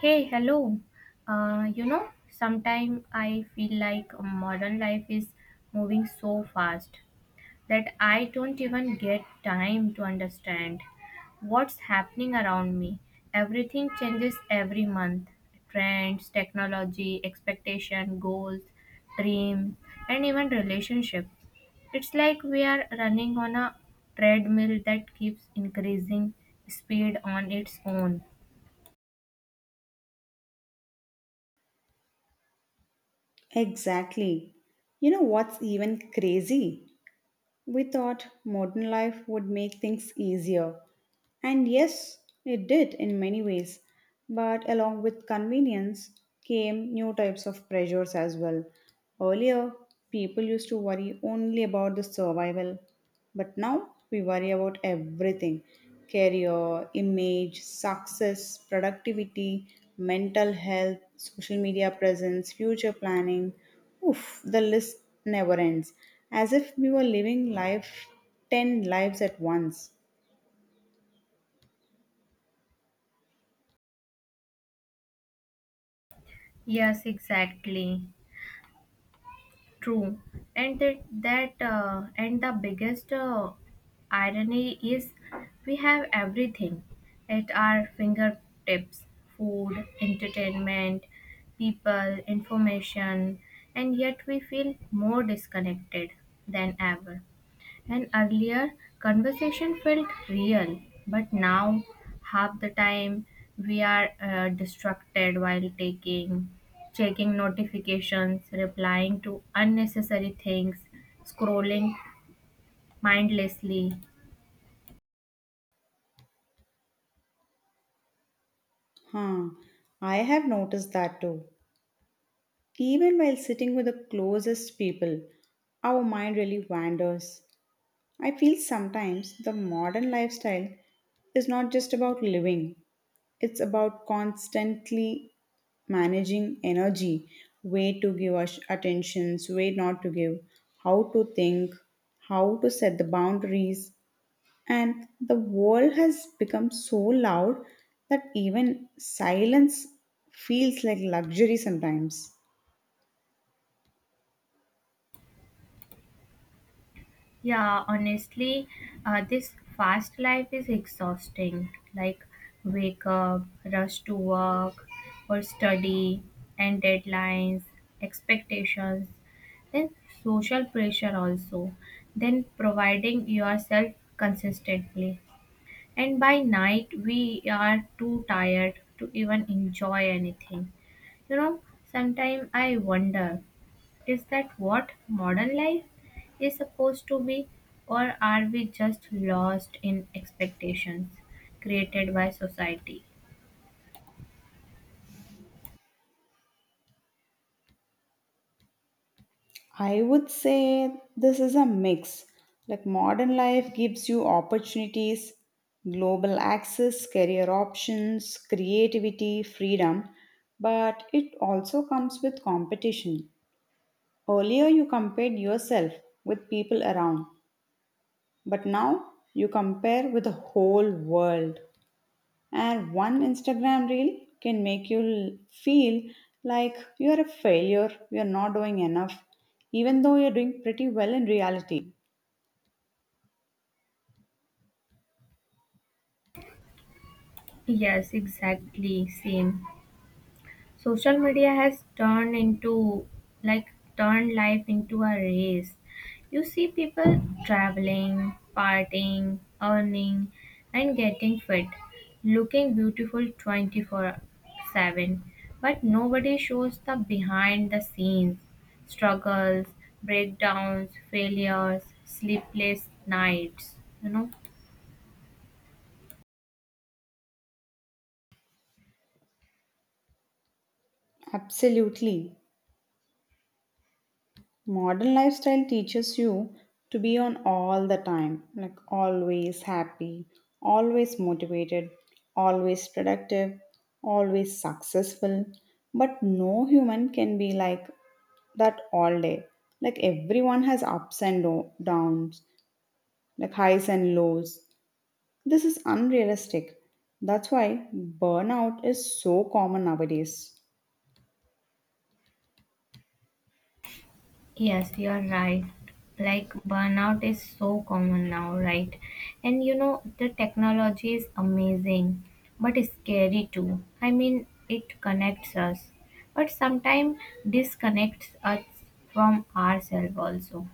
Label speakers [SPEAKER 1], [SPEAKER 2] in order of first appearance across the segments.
[SPEAKER 1] Hey, hello. Sometimes I feel like modern life is moving so fast that I don't even get time to understand what's happening around me. Everything changes every month. Trends, technology, expectation, goals, dreams, and even relationships. It's like we are running on a treadmill that keeps increasing speed on its own.
[SPEAKER 2] Exactly. You know what's even crazy? We thought modern life would make things easier, and yes, it did in many ways. But along with convenience came new types of pressures as well. Earlier, people used to worry only about the survival. But now, we worry about everything: career, image, success, productivity, mental health, social media presence, future planning. Oof, the list never ends. As if we were living life 10 lives at once.
[SPEAKER 1] Yes, exactly. True, and that, that and the biggest irony is we have everything at our fingertips: food, entertainment, people, information, and yet we feel more disconnected than ever. And earlier, conversation felt real, but now, half the time, we are distracted while checking notifications, replying to unnecessary things, scrolling mindlessly.
[SPEAKER 2] Huh, I have noticed that too. Even while sitting with the closest people, our mind really wanders. I feel sometimes the modern lifestyle is not just about living, it's about constantly managing energy, where to give us attentions, where not to give, how to think, how to set the boundaries, and the world has become so loud that even silence feels like luxury sometimes.
[SPEAKER 1] Yeah, honestly, this fast life is exhausting. Like, wake up, rush to work or study, and deadlines, expectations, then social pressure also, then providing yourself consistently. And by night, we are too tired to even enjoy anything. You know, Sometimes I wonder. Is that what modern life is supposed to be, or are we just lost in expectations created by society?
[SPEAKER 2] I would say this is a mix. Like modern life gives you opportunities, global access, career options, creativity, freedom, but it also comes with competition. Earlier, you compared yourself with people around, but now you compare with the whole world. And one Instagram reel can make you feel like you're a failure, you're not doing enough, even though you're doing pretty well in reality.
[SPEAKER 1] Yes, exactly, same. Social media has like turned life into a race. You see people traveling, partying, earning, and getting fit, looking beautiful 24/7, but nobody shows the behind the scenes struggles, breakdowns, failures, sleepless nights you know
[SPEAKER 2] Absolutely. Modern lifestyle teaches you to be on all the time, like always happy, always motivated, always productive, always successful. But no human can be like that all day. Like everyone has ups and downs, like highs and lows. This is unrealistic. That's why burnout is so common nowadays.
[SPEAKER 1] Yes, you're right. Like burnout is so common now, right? And the technology is amazing, but it's scary too. I mean, it connects us, but sometimes disconnects us from ourselves also.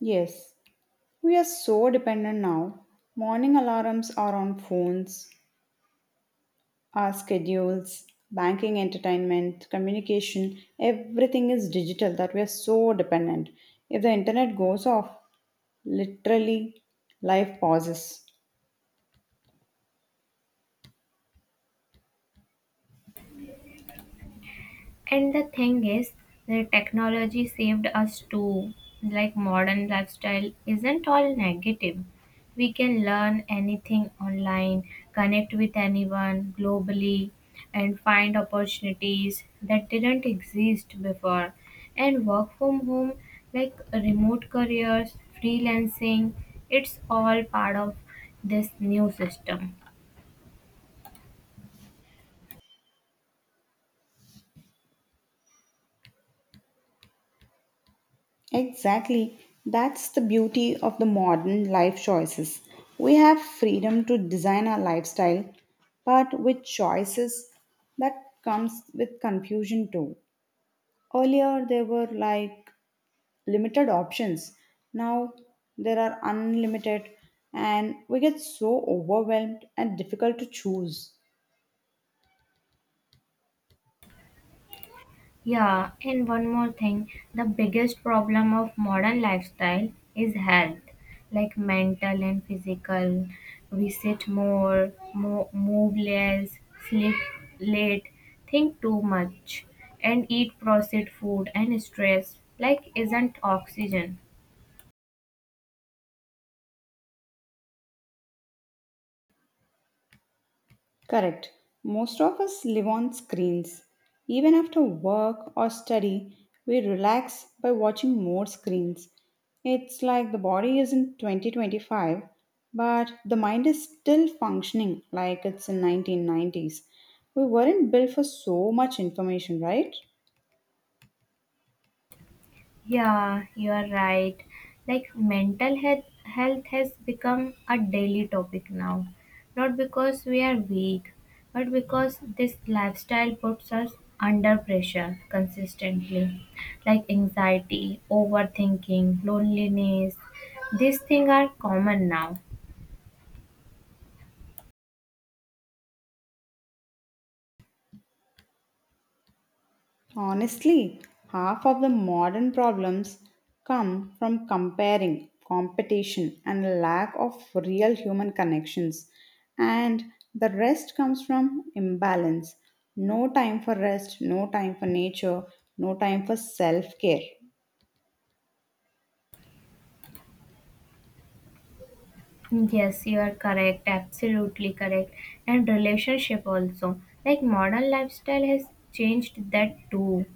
[SPEAKER 2] Yes, we are so dependent now. Morning alarms are on phones, our schedules, banking, entertainment, communication, everything is digital, that we are so dependent. If the internet goes off, literally life pauses.
[SPEAKER 1] And the thing is, the technology saved us too. Like modern lifestyle isn't all negative. We can learn anything online, connect with anyone globally, and find opportunities that didn't exist before. And work from home, like remote careers, freelancing, it's all part of this new system.
[SPEAKER 2] Exactly. That's the beauty of the modern life choices. We have freedom to design our lifestyle, but with choices that comes with confusion too. Earlier there were like limited options. Now there are unlimited and we get so overwhelmed and difficult to choose.
[SPEAKER 1] Yeah, and one more thing, the biggest problem of modern lifestyle is health, like mental and physical. We sit more, move less, sleep late, think too much, and eat processed food and stress, like isn't oxygen.
[SPEAKER 2] Correct. Most of us live on screens. Even after work or study, we relax by watching more screens. It's like the body is in 2025, but the mind is still functioning like it's in 1990s. We weren't built for so much information, right?
[SPEAKER 1] Yeah, you are right. Like mental health has become a daily topic now. Not because we are weak, but because this lifestyle puts us under pressure consistently. Like anxiety, overthinking, loneliness. These things are common now.
[SPEAKER 2] Honestly, half of the modern problems come from comparing, competition, and a lack of real human connections. And the rest comes from imbalance. No time for rest, no time for nature, no time for self care.
[SPEAKER 1] Yes, you are correct, absolutely correct. And relationship also. Like modern lifestyle has changed that too.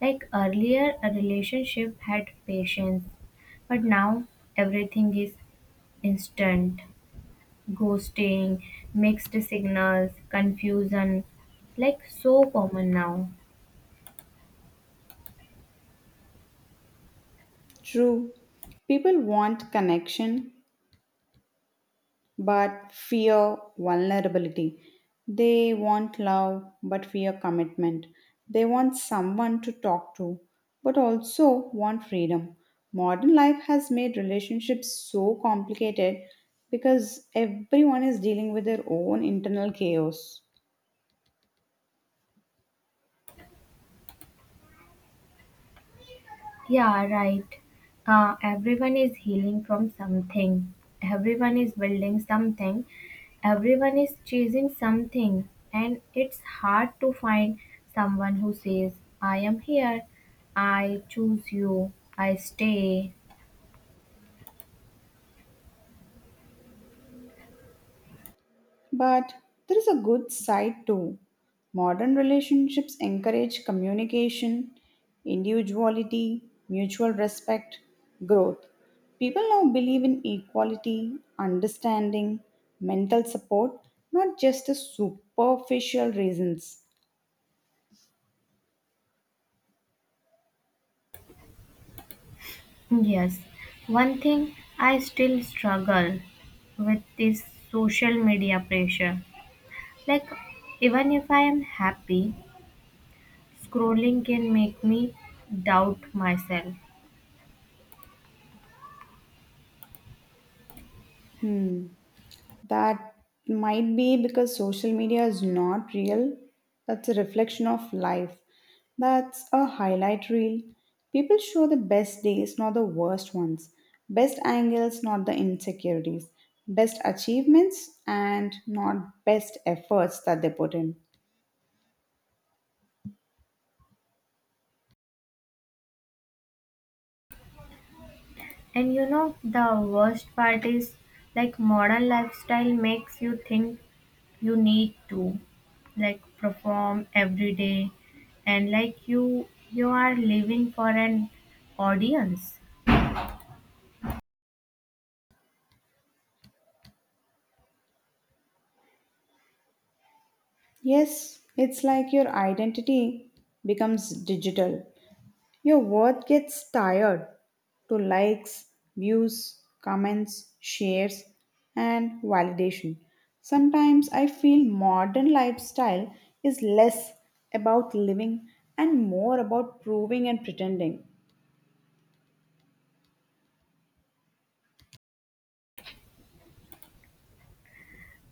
[SPEAKER 1] Like earlier, a relationship had patience, but now everything is instant. Ghosting, mixed signals, confusion, like so common now.
[SPEAKER 2] True, people want connection, but fear vulnerability. They want love but fear commitment. They want someone to talk to but also want freedom. Modern life has made relationships so complicated because everyone is dealing with their own internal chaos.
[SPEAKER 1] Yeah, right. Everyone is healing from something. Everyone is building something. Everyone is chasing something. And it's hard to find someone who says, I am here. I choose you. I stay.
[SPEAKER 2] But there is a good side too. Modern relationships encourage communication, individuality, mutual respect, growth. People now believe in equality, understanding, mental support, not just the superficial reasons.
[SPEAKER 1] Yes. One thing I still struggle with is social media pressure. Like, even if I am happy, scrolling can make me doubt myself.
[SPEAKER 2] Hmm. That might be because social media is not real. That's a reflection of life. That's a highlight reel. People show the best days, not the worst ones. Best angles, not the insecurities. Best achievements, and not best efforts that they put in.
[SPEAKER 1] And the worst part is like modern lifestyle makes you think you need to like perform every day, and like you are living for an audience.
[SPEAKER 2] Yes, it's like your identity becomes digital. Your worth gets tired to likes, views, comments, shares, and validation. Sometimes I feel modern lifestyle is less about living and more about proving and pretending.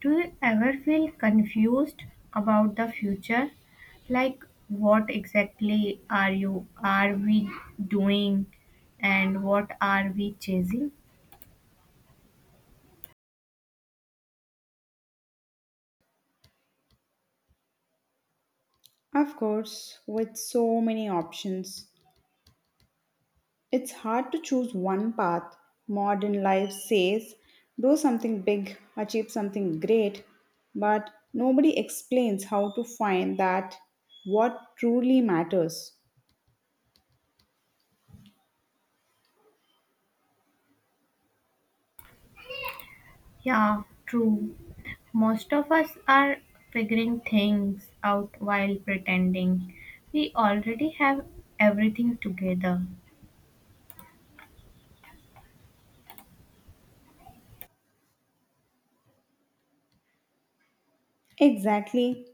[SPEAKER 1] Do you ever feel confused about the future? Like what exactly are we doing, and what are we chasing?
[SPEAKER 2] Of course, with so many options, it's hard to choose one path. Modern life says, do something big, achieve something great, but nobody explains how to find that what truly matters.
[SPEAKER 1] Yeah, true. Most of us are figuring things out while pretending we already have everything together.
[SPEAKER 2] Exactly.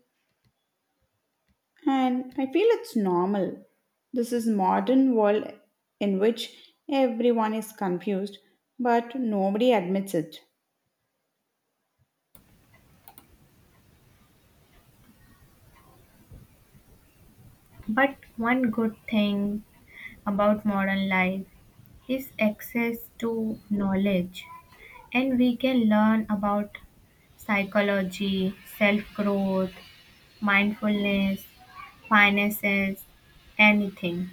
[SPEAKER 2] And I feel it's normal. This is modern world in which everyone is confused, but nobody admits it.
[SPEAKER 1] But one good thing about modern life is access to knowledge, and we can learn about psychology, self growth, mindfulness, finances, anything.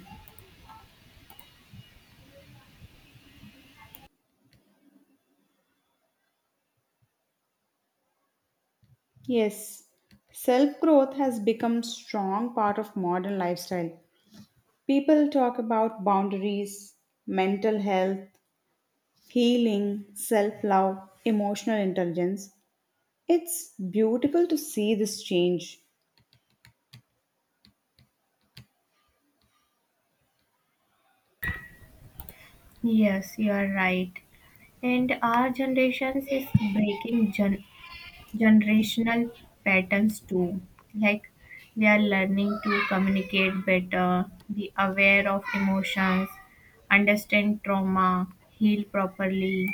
[SPEAKER 2] Yes, self growth has become strong part of modern lifestyle. People talk about boundaries, mental health, healing, self love, emotional intelligence. It's beautiful to see this change.
[SPEAKER 1] Yes, you are right. And our generations is breaking generational patterns too. Like we are learning to communicate better, be aware of emotions, understand trauma, heal properly.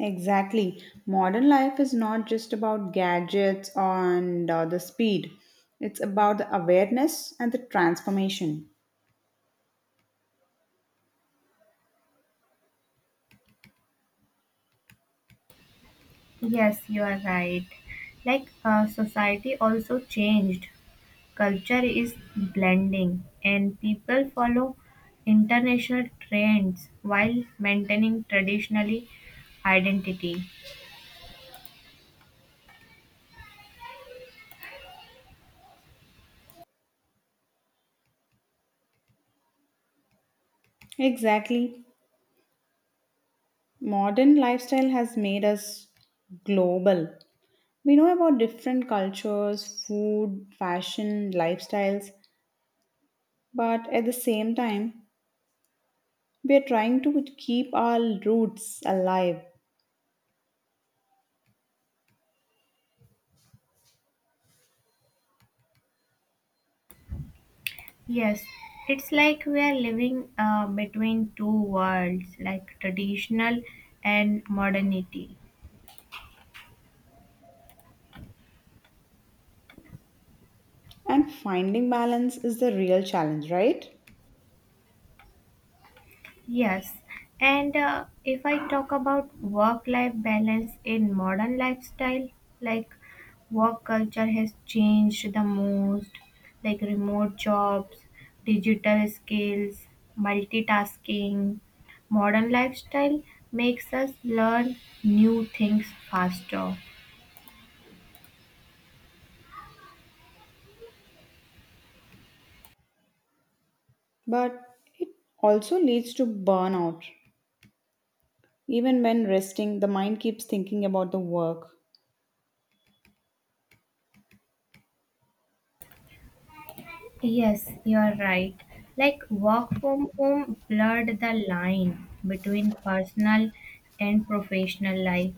[SPEAKER 2] Exactly. Modern life is not just about gadgets and the speed, it's about the awareness and the transformation.
[SPEAKER 1] Yes, you are right. Like society also changed. Culture is blending, and people follow international trends while maintaining traditionally identity.
[SPEAKER 2] Exactly. Modern lifestyle has made us global. We know about different cultures, food, fashion, lifestyles, but at the same time, we are trying to keep our roots alive.
[SPEAKER 1] Yes, it's like we are living between two worlds, like traditional and modernity.
[SPEAKER 2] And finding balance is the real challenge, right?
[SPEAKER 1] Yes, and if I talk about work life balance in modern lifestyle, like work culture has changed the most, like remote jobs, digital skills, multitasking. Modern lifestyle makes us learn new things faster.
[SPEAKER 2] But it also leads to burnout. Even when resting, the mind keeps thinking about the work.
[SPEAKER 1] Yes, you're right. Like work from home blurred the line between personal and professional life.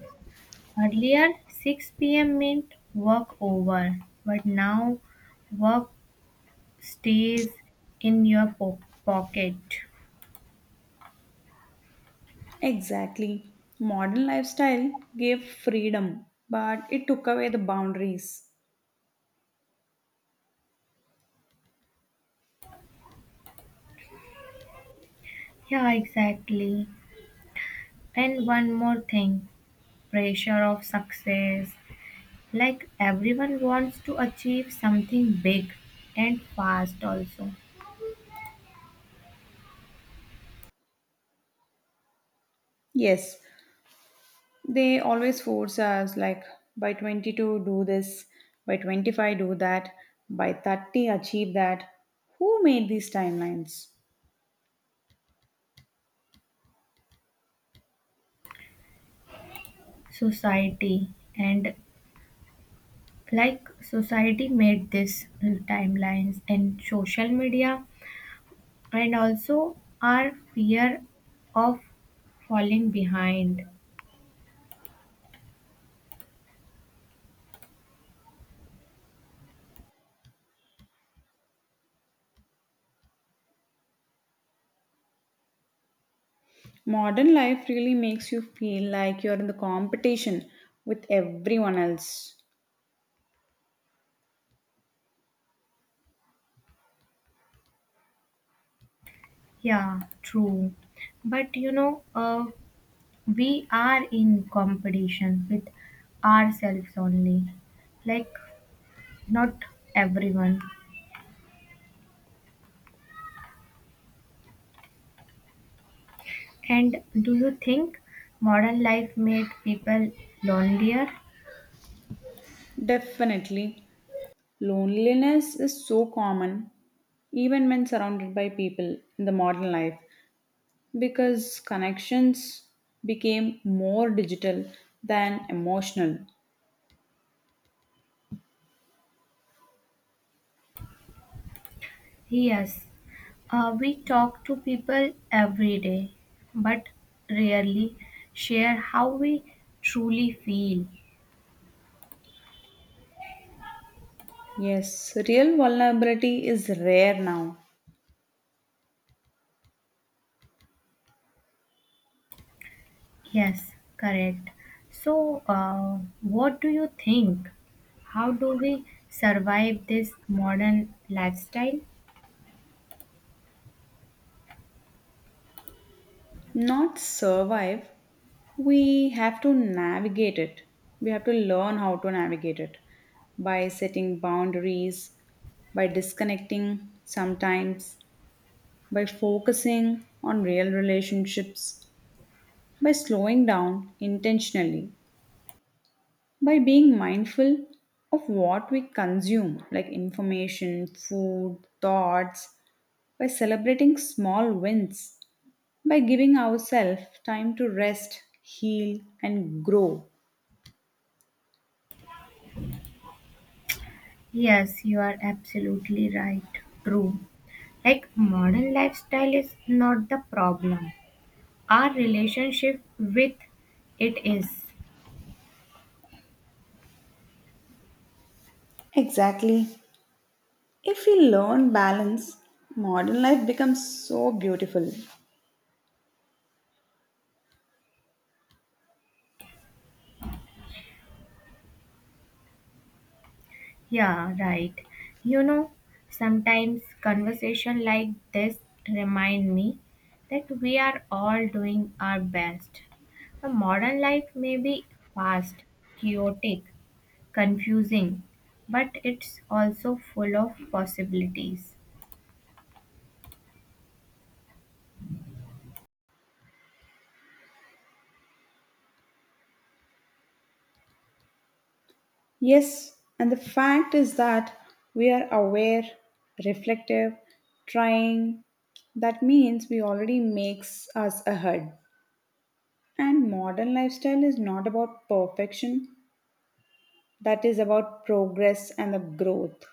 [SPEAKER 1] Earlier, 6 p.m. meant work over, but now work stays in your pocket.
[SPEAKER 2] Exactly. Modern lifestyle gave freedom, but it took away the boundaries.
[SPEAKER 1] Yeah, exactly. And one more thing, pressure of success. Like everyone wants to achieve something big and fast, also.
[SPEAKER 2] Yes, they always force us like by 22 do this, by 25 do that, by 30 achieve that. Who made these timelines?
[SPEAKER 1] Society, and like society made this timelines and social media, and also our fear of falling behind.
[SPEAKER 2] Modern life really makes you feel like you're in the competition with everyone else.
[SPEAKER 1] Yeah, true. But we are in competition with ourselves only, like not everyone. And do you think modern life made people lonelier?
[SPEAKER 2] Definitely, loneliness is so common even when surrounded by people in the modern life because connections became more digital than emotional.
[SPEAKER 1] Yes. We talk to people every day, but rarely share how we truly feel.
[SPEAKER 2] Yes, real vulnerability is rare now.
[SPEAKER 1] Yes, correct. So, what do you think? How do we survive this modern lifestyle?
[SPEAKER 2] Not survive, we have to navigate it. We have to learn how to navigate it by setting boundaries, by disconnecting sometimes, by focusing on real relationships, by slowing down intentionally, by being mindful of what we consume, like information, food, thoughts, by celebrating small wins, by giving ourselves time to rest, heal, and grow.
[SPEAKER 1] Yes, you are absolutely right. True. Like, modern lifestyle is not the problem, our relationship with it is.
[SPEAKER 2] Exactly. If we learn balance, modern life becomes so beautiful.
[SPEAKER 1] Yeah, right. You know, Sometimes conversation like this remind me that we are all doing our best. A modern life may be fast, chaotic, confusing, but it's also full of possibilities.
[SPEAKER 2] Yes, and the fact is that we are aware, reflective, trying. That means we already makes us ahead. And modern lifestyle is not about perfection, that is about progress and the growth.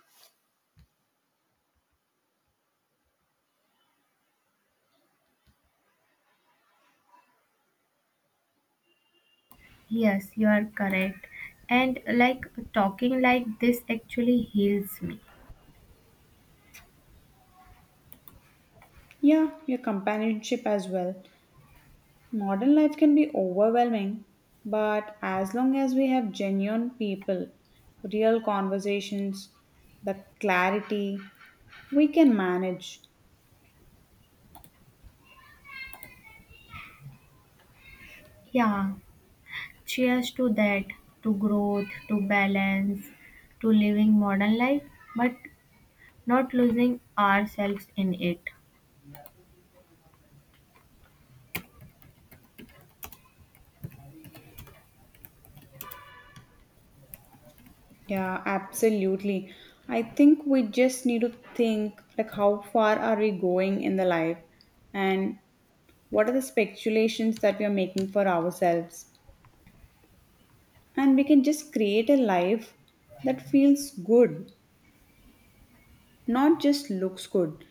[SPEAKER 1] Yes, you are correct. And like talking like this actually heals me.
[SPEAKER 2] Yeah, your companionship as well. Modern life can be overwhelming, but as long as we have genuine people, real conversations, the clarity, we can manage.
[SPEAKER 1] Yeah. Cheers to that, to growth, to balance, to living modern life, but not losing ourselves in it.
[SPEAKER 2] Yeah, absolutely. I think we just need to think like how far are we going in the life and what are the speculations that we are making for ourselves, and we can just create a life that feels good, not just looks good.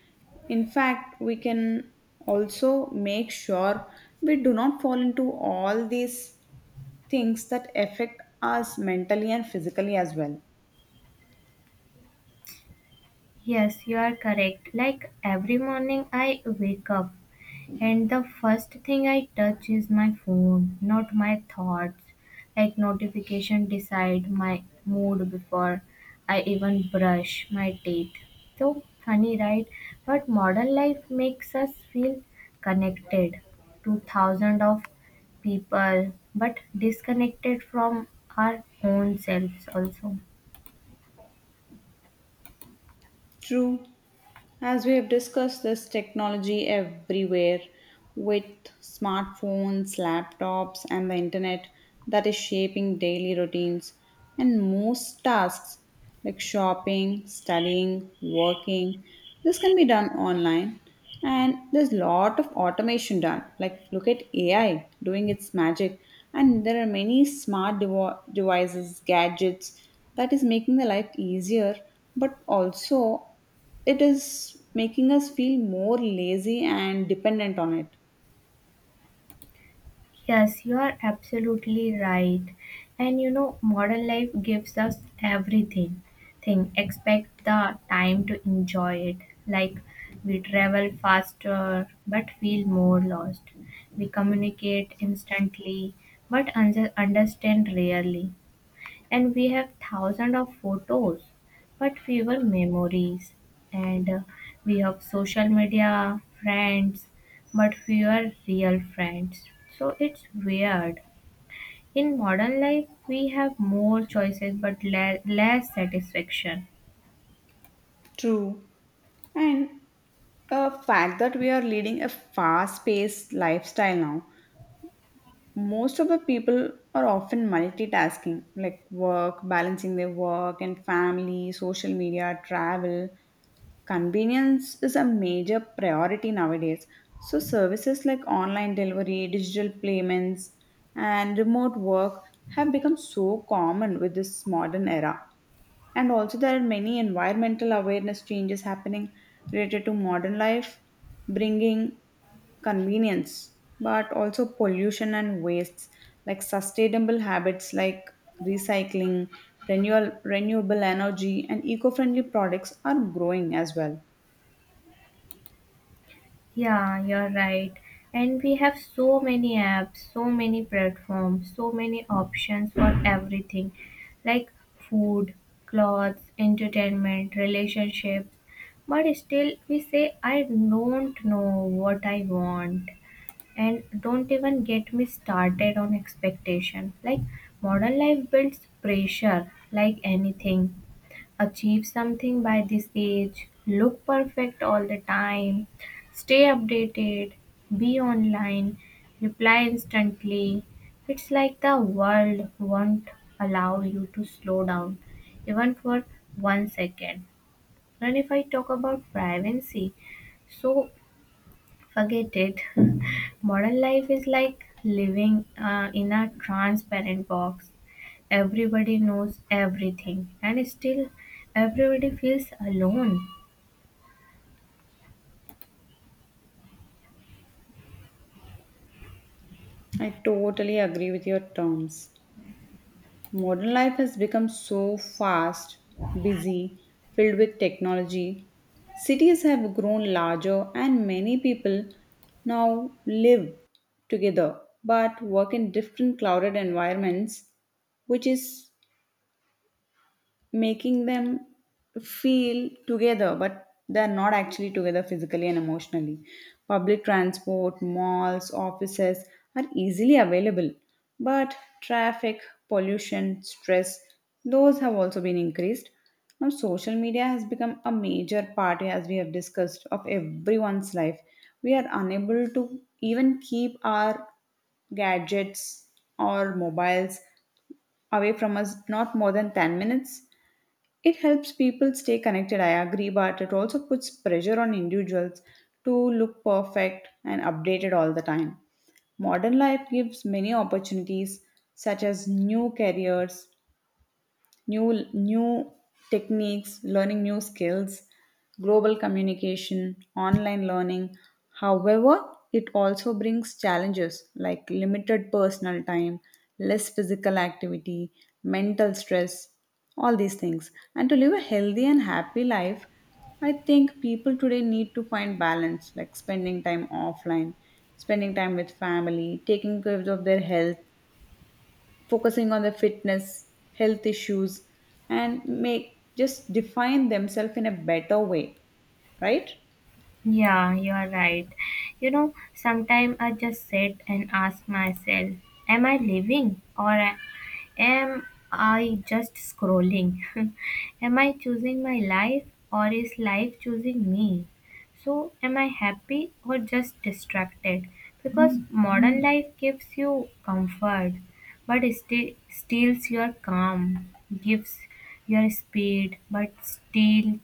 [SPEAKER 2] In fact, we can also make sure we do not fall into all these things that affect us mentally and physically as well.
[SPEAKER 1] Yes, you are correct. Like every morning I wake up and the first thing I touch is my phone, not my thoughts. Like notification decide my mood before I even brush my teeth. So funny, right? But modern life makes us feel connected to thousands of people, but disconnected from our own selves also.
[SPEAKER 2] True. As we have discussed, this technology everywhere with smartphones, laptops, and the internet that is shaping daily routines and most tasks like shopping, studying, working. This can be done online, and there's a lot of automation done. Like, look at AI doing its magic, and there are many smart devices, gadgets that is making the life easier, but also it is making us feel more lazy and dependent on it.
[SPEAKER 1] Yes, you are absolutely right. And modern life gives us everything. Thing expect the time to enjoy it. Like we travel faster but feel more lost. We communicate instantly but understand rarely, and we have thousands of photos but fewer memories, and we have social media friends but fewer real friends. So it's weird, in modern life we have more choices but less satisfaction.
[SPEAKER 2] True. And the fact that we are leading a fast paced lifestyle now, most of the people are often multitasking, like work, balancing their work and family, social media, travel. Convenience is a major priority nowadays. So, services like online delivery, digital payments, and remote work have become so common with this modern era. And also, there are many environmental awareness changes happening related to modern life, bringing convenience, but also pollution and wastes, like sustainable habits like recycling, renewal, renewable energy, and eco friendly products are growing as well.
[SPEAKER 1] Yeah, you're right. And we have so many apps, so many platforms, so many options for everything like food, clothes, entertainment, relationships. But still, we say, I don't know what I want. And don't even get me started on expectation. Like, modern life builds pressure like anything, achieve something by this age, look perfect all the time, stay updated, be online, reply instantly. It's like the world won't allow you to slow down even for one second. And if I talk about privacy, so forget it. Modern life is like living in a transparent box. Everybody knows everything, and still, everybody feels alone.
[SPEAKER 2] I totally agree with your terms. Modern life has become so fast, busy, filled with technology. Cities have grown larger, and many people now live together but work in different crowded environments, which is making them feel together, but they're not actually together physically and emotionally. Public transport, malls, offices are easily available, but traffic, pollution, stress, those have also been increased. Now, social media has become a major part, as we have discussed, of everyone's life. We are unable to even keep our gadgets or mobiles away from us not more than 10 minutes. It helps people stay connected, I agree, but it also puts pressure on individuals to look perfect and updated all the time. Modern life gives many opportunities, such as new careers, new techniques, learning new skills, global communication, online learning. However, it also brings challenges like limited personal time, less physical activity, mental stress, all these things. And to live a healthy and happy life, I think people today need to find balance, like spending time offline, spending time with family, taking care of their health, focusing on the fitness, health issues, and make just define themselves in a better way, right?
[SPEAKER 1] Yeah, you are right. Sometimes I just sit and ask myself, am I living, or am I just scrolling? Am I choosing my life, or is life choosing me? So, am I happy or just distracted? Because modern life gives you comfort but steals your calm, gives your speed but steals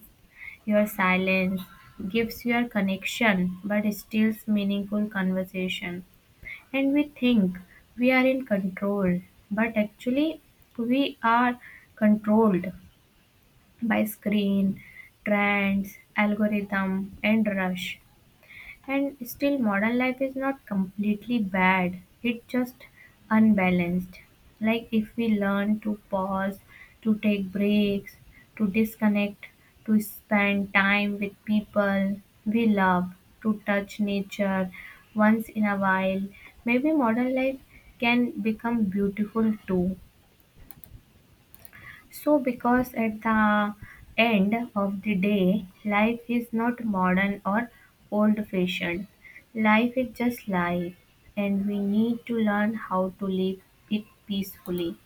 [SPEAKER 1] your silence, gives your connection but steals meaningful conversation. And we think we are in control, but actually we are controlled by screen, trends, algorithm, and rush. And still, modern life is not completely bad, it's just unbalanced. Like, if we learn to pause, to take breaks, to disconnect, to spend time with people we love, to touch nature once in a while, maybe modern life can become beautiful too. So, because at the end of the day, life is not modern or old fashioned. Life is just life, and we need to learn how to live it peacefully.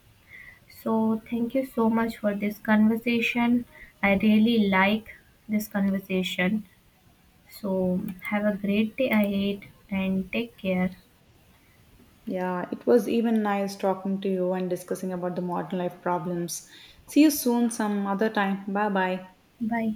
[SPEAKER 1] So, thank you so much for this conversation. I really like this conversation. So, have a great day ahead and take care.
[SPEAKER 2] Yeah, it was even nice talking to you and discussing about the modern life problems. See you soon some other time. Bye bye.
[SPEAKER 1] Bye.